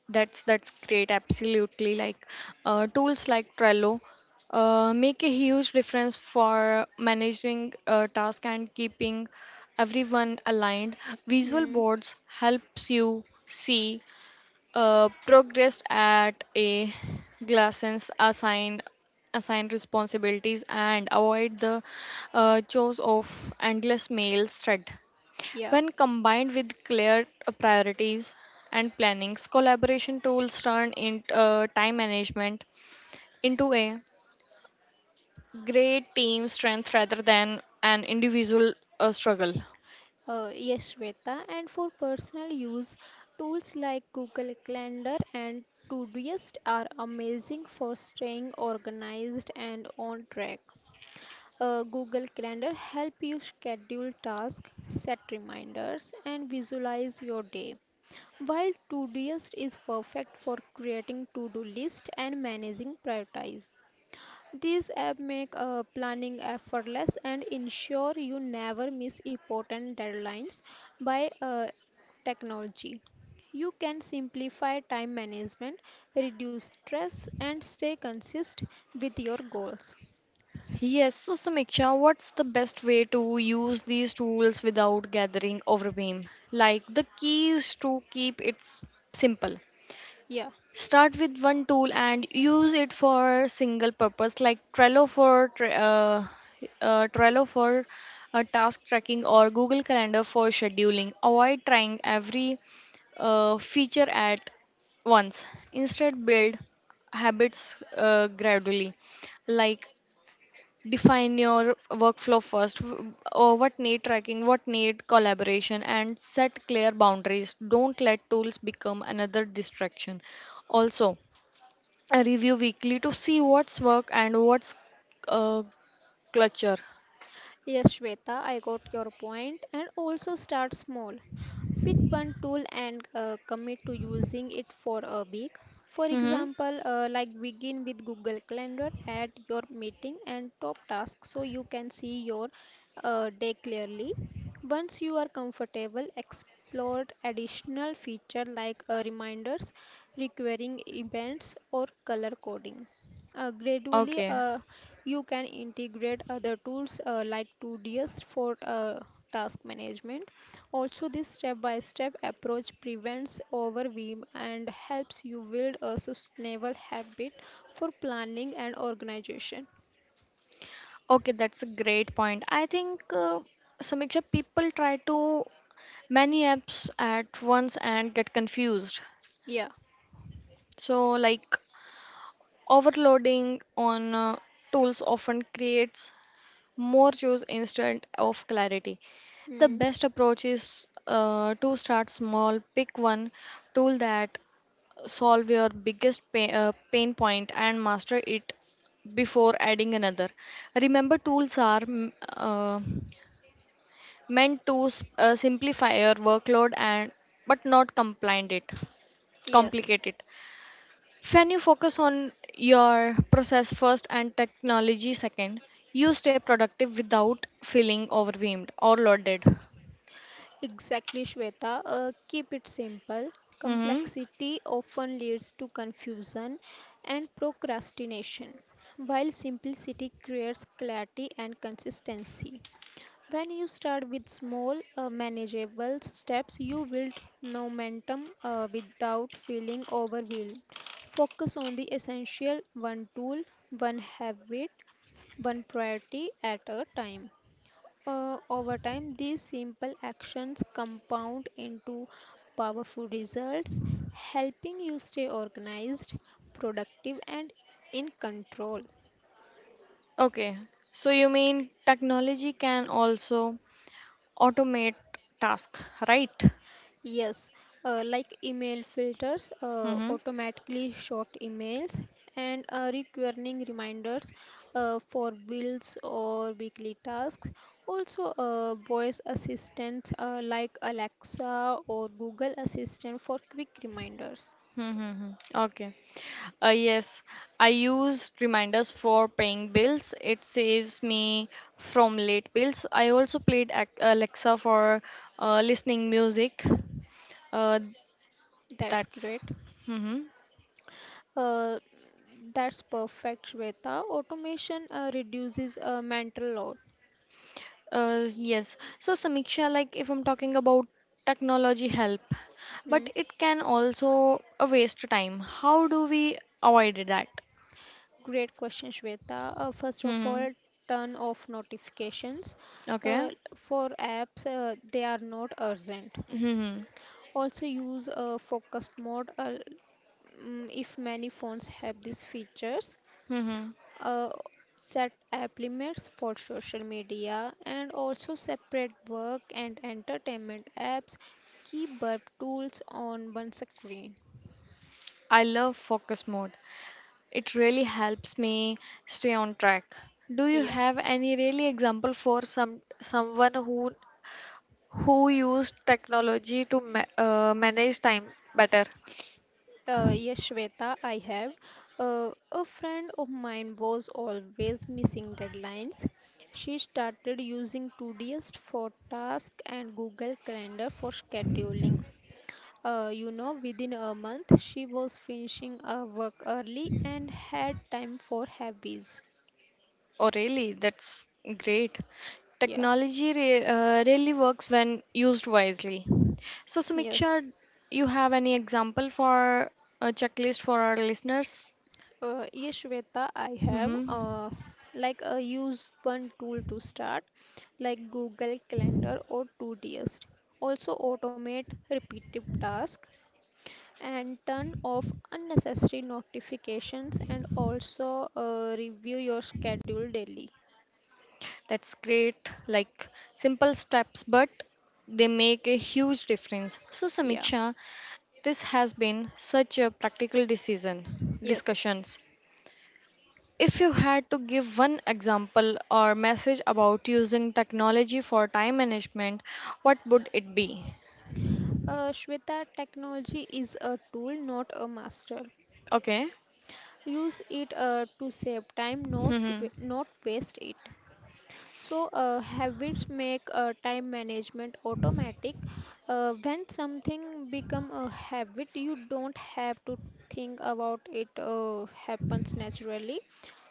That's that's great. Absolutely, like uh, tools like Trello uh, make a huge difference for managing uh, tasks and keeping everyone aligned. Visual
Hmm.
boards helps you see uh, progress at a glance, assign assign responsibilities, and avoid the uh, chores of endless mails thread.
Yeah.
When combined with clear uh, priorities and plannings, collaboration tools turn in uh, time management into a great team strength rather than an individual uh, struggle.
Uh, yes, Shweta. And for personal use, tools like Google Calendar and Todoist are amazing for staying organized and on track. Uh, Google Calendar help you schedule tasks, set reminders, and visualize your day. While Todoist is perfect for creating to-do list and managing priorities. These apps make uh, planning effortless and ensure you never miss important deadlines by uh, technology. You can simplify time management, reduce stress, and stay consistent with your goals.
Yes, so Samiksha, what's the best way to use these tools without gathering overwhelm? Like the keys to keep it s- simple.
Yeah.
Start with one tool and use it for single purpose, like Trello for tra- uh, uh, Trello for uh, task tracking or Google Calendar for scheduling. Avoid trying every uh, feature at once. Instead, build habits uh, gradually. Like define your workflow first. w- Or what need tracking, what need collaboration, and set clear boundaries. Don't let tools become another distraction. Also, I review weekly to see what's work and what's uh, clutter.
Yes, Shweta, I got your point. And also start small. Pick one tool and uh, commit to using it for a week. For
Mm-hmm.
example, uh, like begin with Google Calendar at your meeting and top tasks so you can see your uh, day clearly. Once you are comfortable, explore additional feature like uh, reminders, recurring events, or color coding. Uh, gradually,
Okay.
uh, you can integrate other tools uh, like Todoist for uh, task management also, this step by step approach prevents overwhelm and helps you build a sustainable habit for planning and organization.
Okay, that's a great point. I think uh, Samiksha, people try to many apps at once and get confused.
Yeah.
So, like overloading on uh, tools often creates more choice instead of clarity. The
Hmm.
best approach is uh, to start small, pick one tool that solve your biggest pain, uh, pain point and master it before adding another. Remember, tools are mm, uh, meant to s- uh, simplify your workload and but not compliant it
Yes,
complicate it. When you focus on your process first and technology second, you stay productive without feeling overwhelmed or loaded.
exactly, Shweta. Uh, keep it simple.
Hmm.
Complexity often leads to confusion and procrastination, while simplicity creates clarity and consistency. When you start with small, uh, manageable steps, you build momentum uh, without feeling overwhelmed. Focus on the essential one tool, one habit, one priority at a time. Uh, over time, these simple actions compound into powerful results, helping you stay organized, productive, and in control.
Okay, so you mean technology can also automate task, right?
Yes, uh, like email filters, uh,
Mm-hmm.
automatically short emails, and uh, recurring reminders uh, for bills or weekly tasks. Also, uh, voice assistants uh, like Alexa or Google Assistant for quick reminders.
Mm-hmm. Okay. Uh, yes, I use reminders for paying bills. It saves me from late bills. I also played Ac- Alexa for uh, listening music. uh,
That's
that's...
great.
Mm-hmm.
Uh, that's perfect, Shweta. Automation uh, reduces uh, mental load.
Uh, yes, so Samiksha, like if I'm talking about technology help,
Hmm.
but it can also uh, waste time, how do we avoid that?
Great question, Shweta. Uh, first of
Hmm.
all, turn off notifications.
Okay.
Uh, for apps, uh, they are not urgent.
Hmm.
Also, use uh, focus mode uh, mm, if many phones have these features.
Hmm.
Uh, Set app limits for social media and also separate work and entertainment apps. Keep burp tools on one screen.
I love focus mode. It really helps me stay on track. Do you
Yeah.
have any really example for some someone who who used technology to ma uh, manage time better?
Uh, yes, Shweta, I have. Uh, a friend of mine was always missing deadlines. She started using Todoist for tasks and Google Calendar for scheduling. Uh, you know, within a month, she was finishing her work early and had time for hobbies.
Oh, really? That's great.
Yeah,
Technology re uh, really works when used wisely. So,
yes.
Samiksha, you have any example for a checklist for our listeners?
Uh, yes, Shweta, I have.
Mm-hmm.
Uh, like uh, use one tool to start, like Google Calendar or Todoist. Also automate repetitive tasks and turn off unnecessary notifications and also uh, review your schedule daily.
That's great. Like simple steps, but they make a huge difference. So,
Yeah.
Samiksha, this has been such a practical decision
Yes.
discussions. If you had to give one example or message about using technology for time management, what would it be?
Uh, Shweta, technology is a tool, not a master.
Okay.
Use it uh, to save time, not, to wa-
Mhm.
not waste it. So, uh, habits make uh, time management automatic. Uh, when something become a habit, you don't have to think about it. Uh, happens naturally.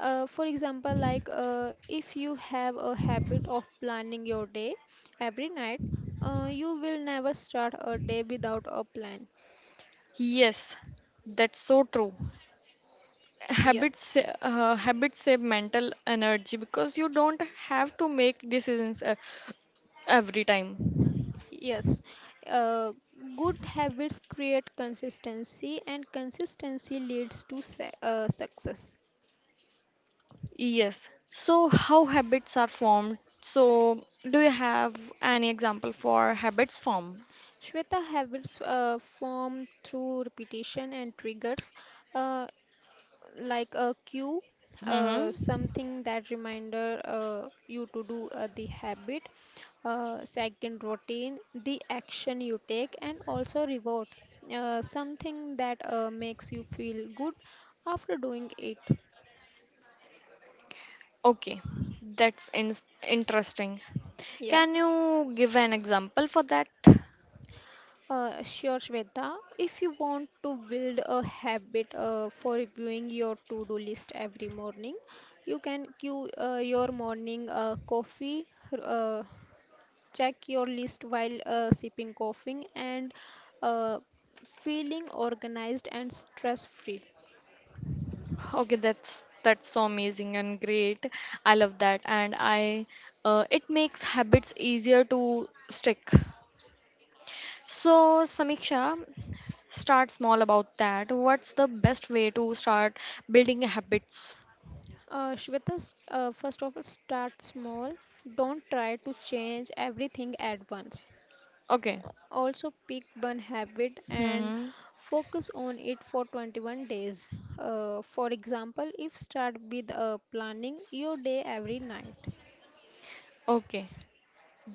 Uh, for example, like uh, if you have a habit of planning your day every night, uh, you will never start a day without a plan.
Yes, that's so true.
Yeah.
Habits uh, habits save mental energy because you don't have to make decisions uh, every time.
Yes, uh, good habits create consistency, and consistency leads to sa- uh, success.
Yes. So, how habits are formed? So, do you have any example for habits form?
Shweta habits uh, form through repetition and triggers, uh, like a cue, uh,
Hmm.
something that reminder uh, you to do uh, the habit, uh, second routine, the action you take, and also reward, uh, something that uh, makes you feel good after doing it.
Okay, that's in- interesting.
Yeah.
Can you give an example for that?
Uh, sure, Shweta. If you want to build a habit uh, for reviewing your to-do list every morning, you can queue uh, your morning uh, coffee, uh, check your list while uh, sipping coffee, and uh, feeling organized and stress-free.
Okay, that's that's so amazing and great. I love that, and I uh, it makes habits easier to stick. So, Samiksha, start small about that. What's the best way to start building habits?
Uh, Shweta, s- uh, first of all, start small. Don't try to change everything at once.
Okay.
Also pick one habit and
Mm-hmm.
focus on it for twenty-one days. Uh, for example if start with uh, planning your day every night.
Okay,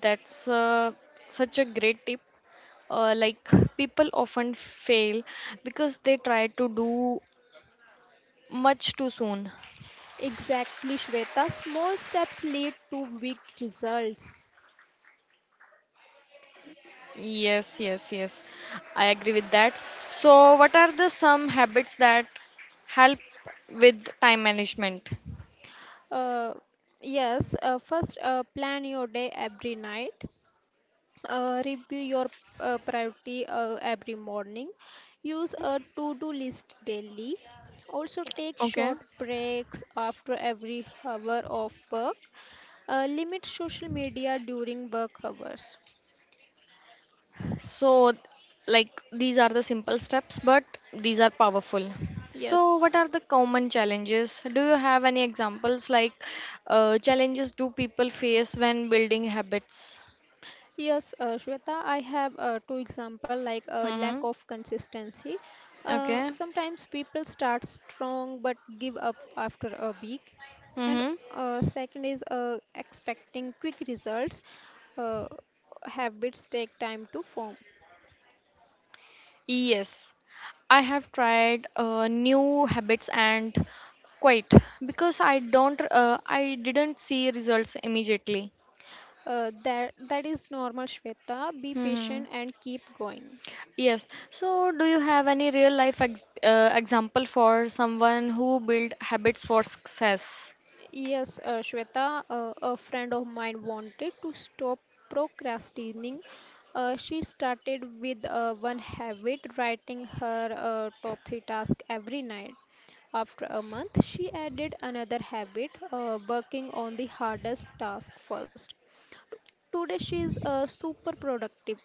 that's uh, such a great tip. Uh, like people often fail because they try to do much too soon.
Exactly, Shweta, small steps lead to big results.
Yes, yes, yes. I agree with that. So, what are the some habits that help with time management?
uh, yes, uh, first uh, plan your day every night. Uh, review your uh, priority uh, every morning. Use
Mm-hmm.
a to-do list daily. Also take
Okay.
short breaks after every hour of work. Uh, limit social media during work hours.
So, like these are the simple steps, but these are powerful. So,
Yes.
what are the common challenges? Do you have any examples like uh, challenges do people face when building habits?
Yes, uh, Shweta, I have uh, two example like uh, lack
Mm-hmm.
of consistency. Uh,
Okay.
sometimes people start strong but give up after a week. And
Mm-hmm.
uh, second is uh, expecting quick results. Uh, Habits take time to form.
Yes. I have tried uh, new habits and quite because I don't uh, I didn't see results immediately.
Uh, that that is normal, Shweta. Be
Mm-hmm.
patient and keep going.
Yes. So, do you have any real life ex uh, example for someone who built habits for success?
Yes, uh, Shweta, uh, a friend of mine wanted to stop procrastinating. Uh, she started with uh, one habit, writing her uh, top three tasks every night. After a month, she added another habit, uh, working on the hardest task first. T- Today, she is uh, super productive.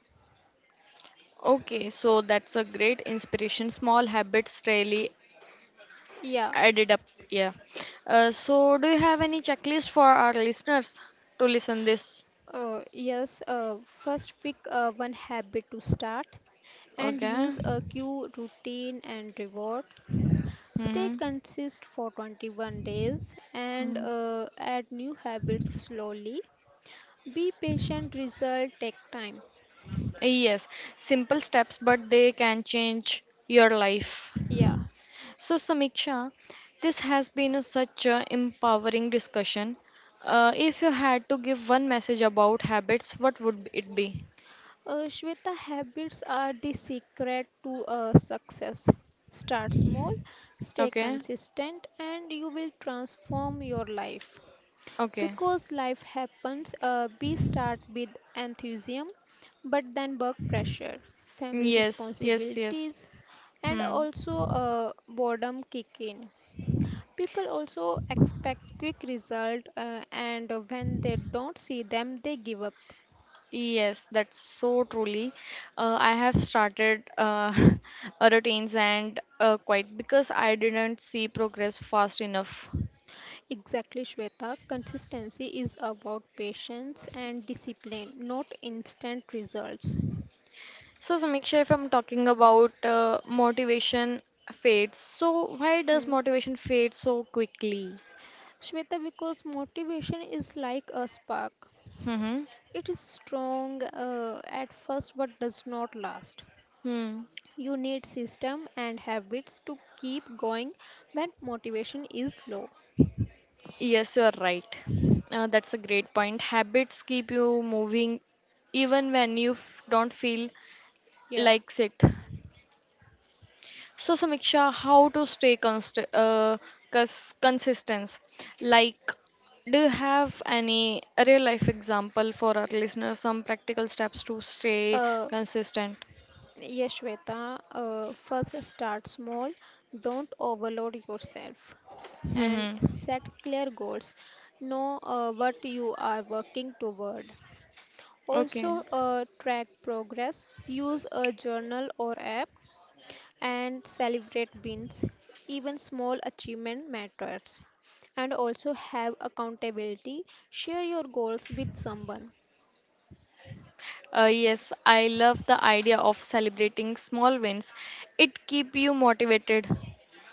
Okay, so that's a great inspiration. Small habits really
Yeah,
added up. Yeah. Uh, so, do you have any checklist for our listeners to listen this?
uh, yes, uh, first pick uh, one habit to start and
Okay.
use a cue routine and reward. Stay
Mm-hmm.
consist for twenty-one days and uh, add new habits slowly. Be patient, result take time.
Yes, simple steps, but they can change your life.
Yeah.
So, Samiksha, this has been a such a empowering discussion. Uh, if you had to give one message about habits, what would it be?
Uh, Shweta, habits are the secret to uh, success. Start small, stay
Okay,
consistent, and you will transform your life.
okay.
Because life happens, uh, we start with enthusiasm, but then work pressure, family
Yes, yes, yes.
responsibilities, and
Hmm.
also uh, boredom kick in. People also expect quick result, uh, and when they don't see them, they give up.
Yes, that's so truly. Uh, I have started uh, a routines and uh, quite because I didn't see progress fast enough.
Exactly, Shweta. Consistency is about patience and discipline, not instant results.
So, Samiksha, if I'm talking about uh, motivation fades, so why does
Hmm.
motivation fade so quickly?
Shweta, because motivation is like a spark,
Mm-hmm.
it is strong uh, at first but does not last.
Hmm.
You need system and habits to keep going when motivation is low.
Yes, you are right. Uh, that's a great point. Habits keep you moving even when you f- don't feel
Yeah.
like it. So, Samiksha, how to stay const- uh, cons- consistent? Like, do you have any real life example for our listeners? Some practical steps to stay
Uh,
consistent?
Yes, Shweta, uh, first start small, don't overload yourself, and
Mm-hmm.
set clear goals. Know uh, what you are working toward.
Okay.
Also, uh, track progress, use a journal or app, and celebrate wins. Even small achievement matters. And also have accountability, share your goals with someone.
Uh, yes, I love the idea of celebrating small wins. It keep you motivated.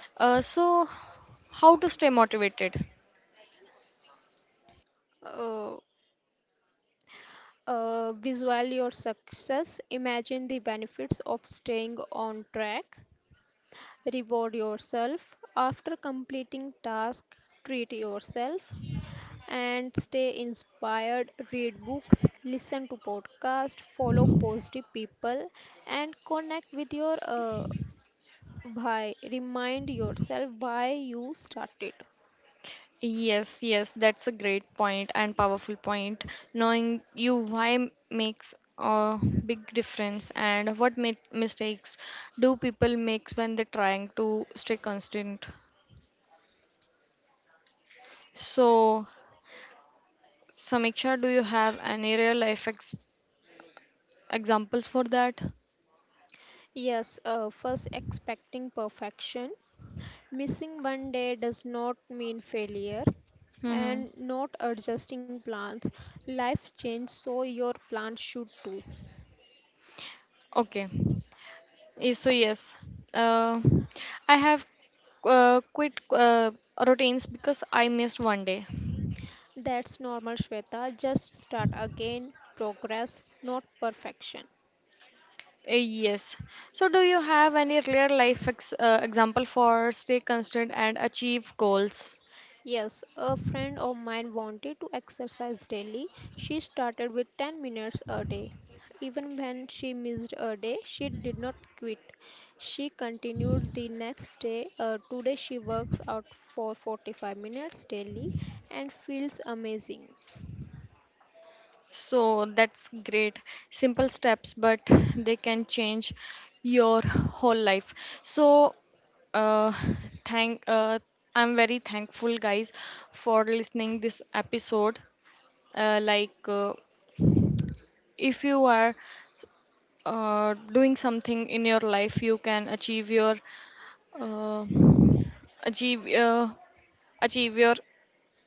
Uh, so, how to stay motivated?
Uh, Uh, visualize your success, imagine the benefits of staying on track, reward yourself. After completing task, treat yourself and stay inspired. Read books, listen to podcasts, follow positive people, and connect with your uh, why. Remind yourself why you started.
Yes, yes, that's a great point and powerful point. Knowing you why m- makes a big difference, and what mi- mistakes do people make when they're trying to stay constant. So, Samiksha, do you have any real life ex- examples for that?
Yes, uh, first expecting perfection. Missing one day does not mean failure
Hmm.
and not adjusting plans. Life changes, so your plans should too.
Okay. Eh, so yes, uh, I have uh, quit uh, routines because I missed one day.
That's normal, Shweta. Just start again. Progress, not perfection.
Uh, yes. So do you have any real life ex- uh, example for stay constant and achieve goals?
Yes, a friend of mine wanted to exercise daily. She started with ten minutes a day. Even when she missed a day, she did not quit. She continued the next day. Uh, today, she works out for forty-five minutes daily and feels amazing.
So that's great. Simple steps, but they can change your whole life. So uh, thank uh, I'm very thankful guys for listening this episode. Uh, like uh, if you are uh, doing something in your life you can achieve your uh, achieve uh, achieve your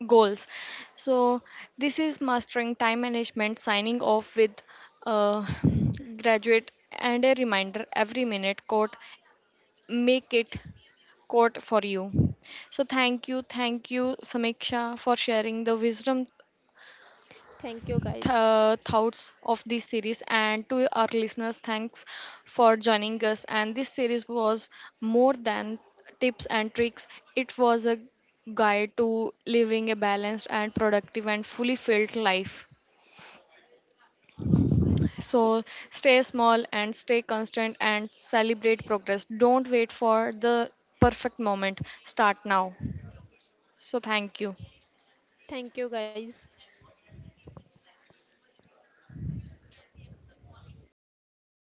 goals, so this is mastering time management signing off with uh, graduate and a reminder every minute quote make it quote for you. So thank you, thank you, Samiksha, for sharing the wisdom,
Thank you, guys.
th- thoughts of this series. And to our listeners, thanks for joining us. And this series was more than tips and tricks, it was a guide to living a balanced and productive and fully filled life. So stay small and stay constant and celebrate progress, don't wait for the perfect moment, start now. So thank you.
Thank you, guys.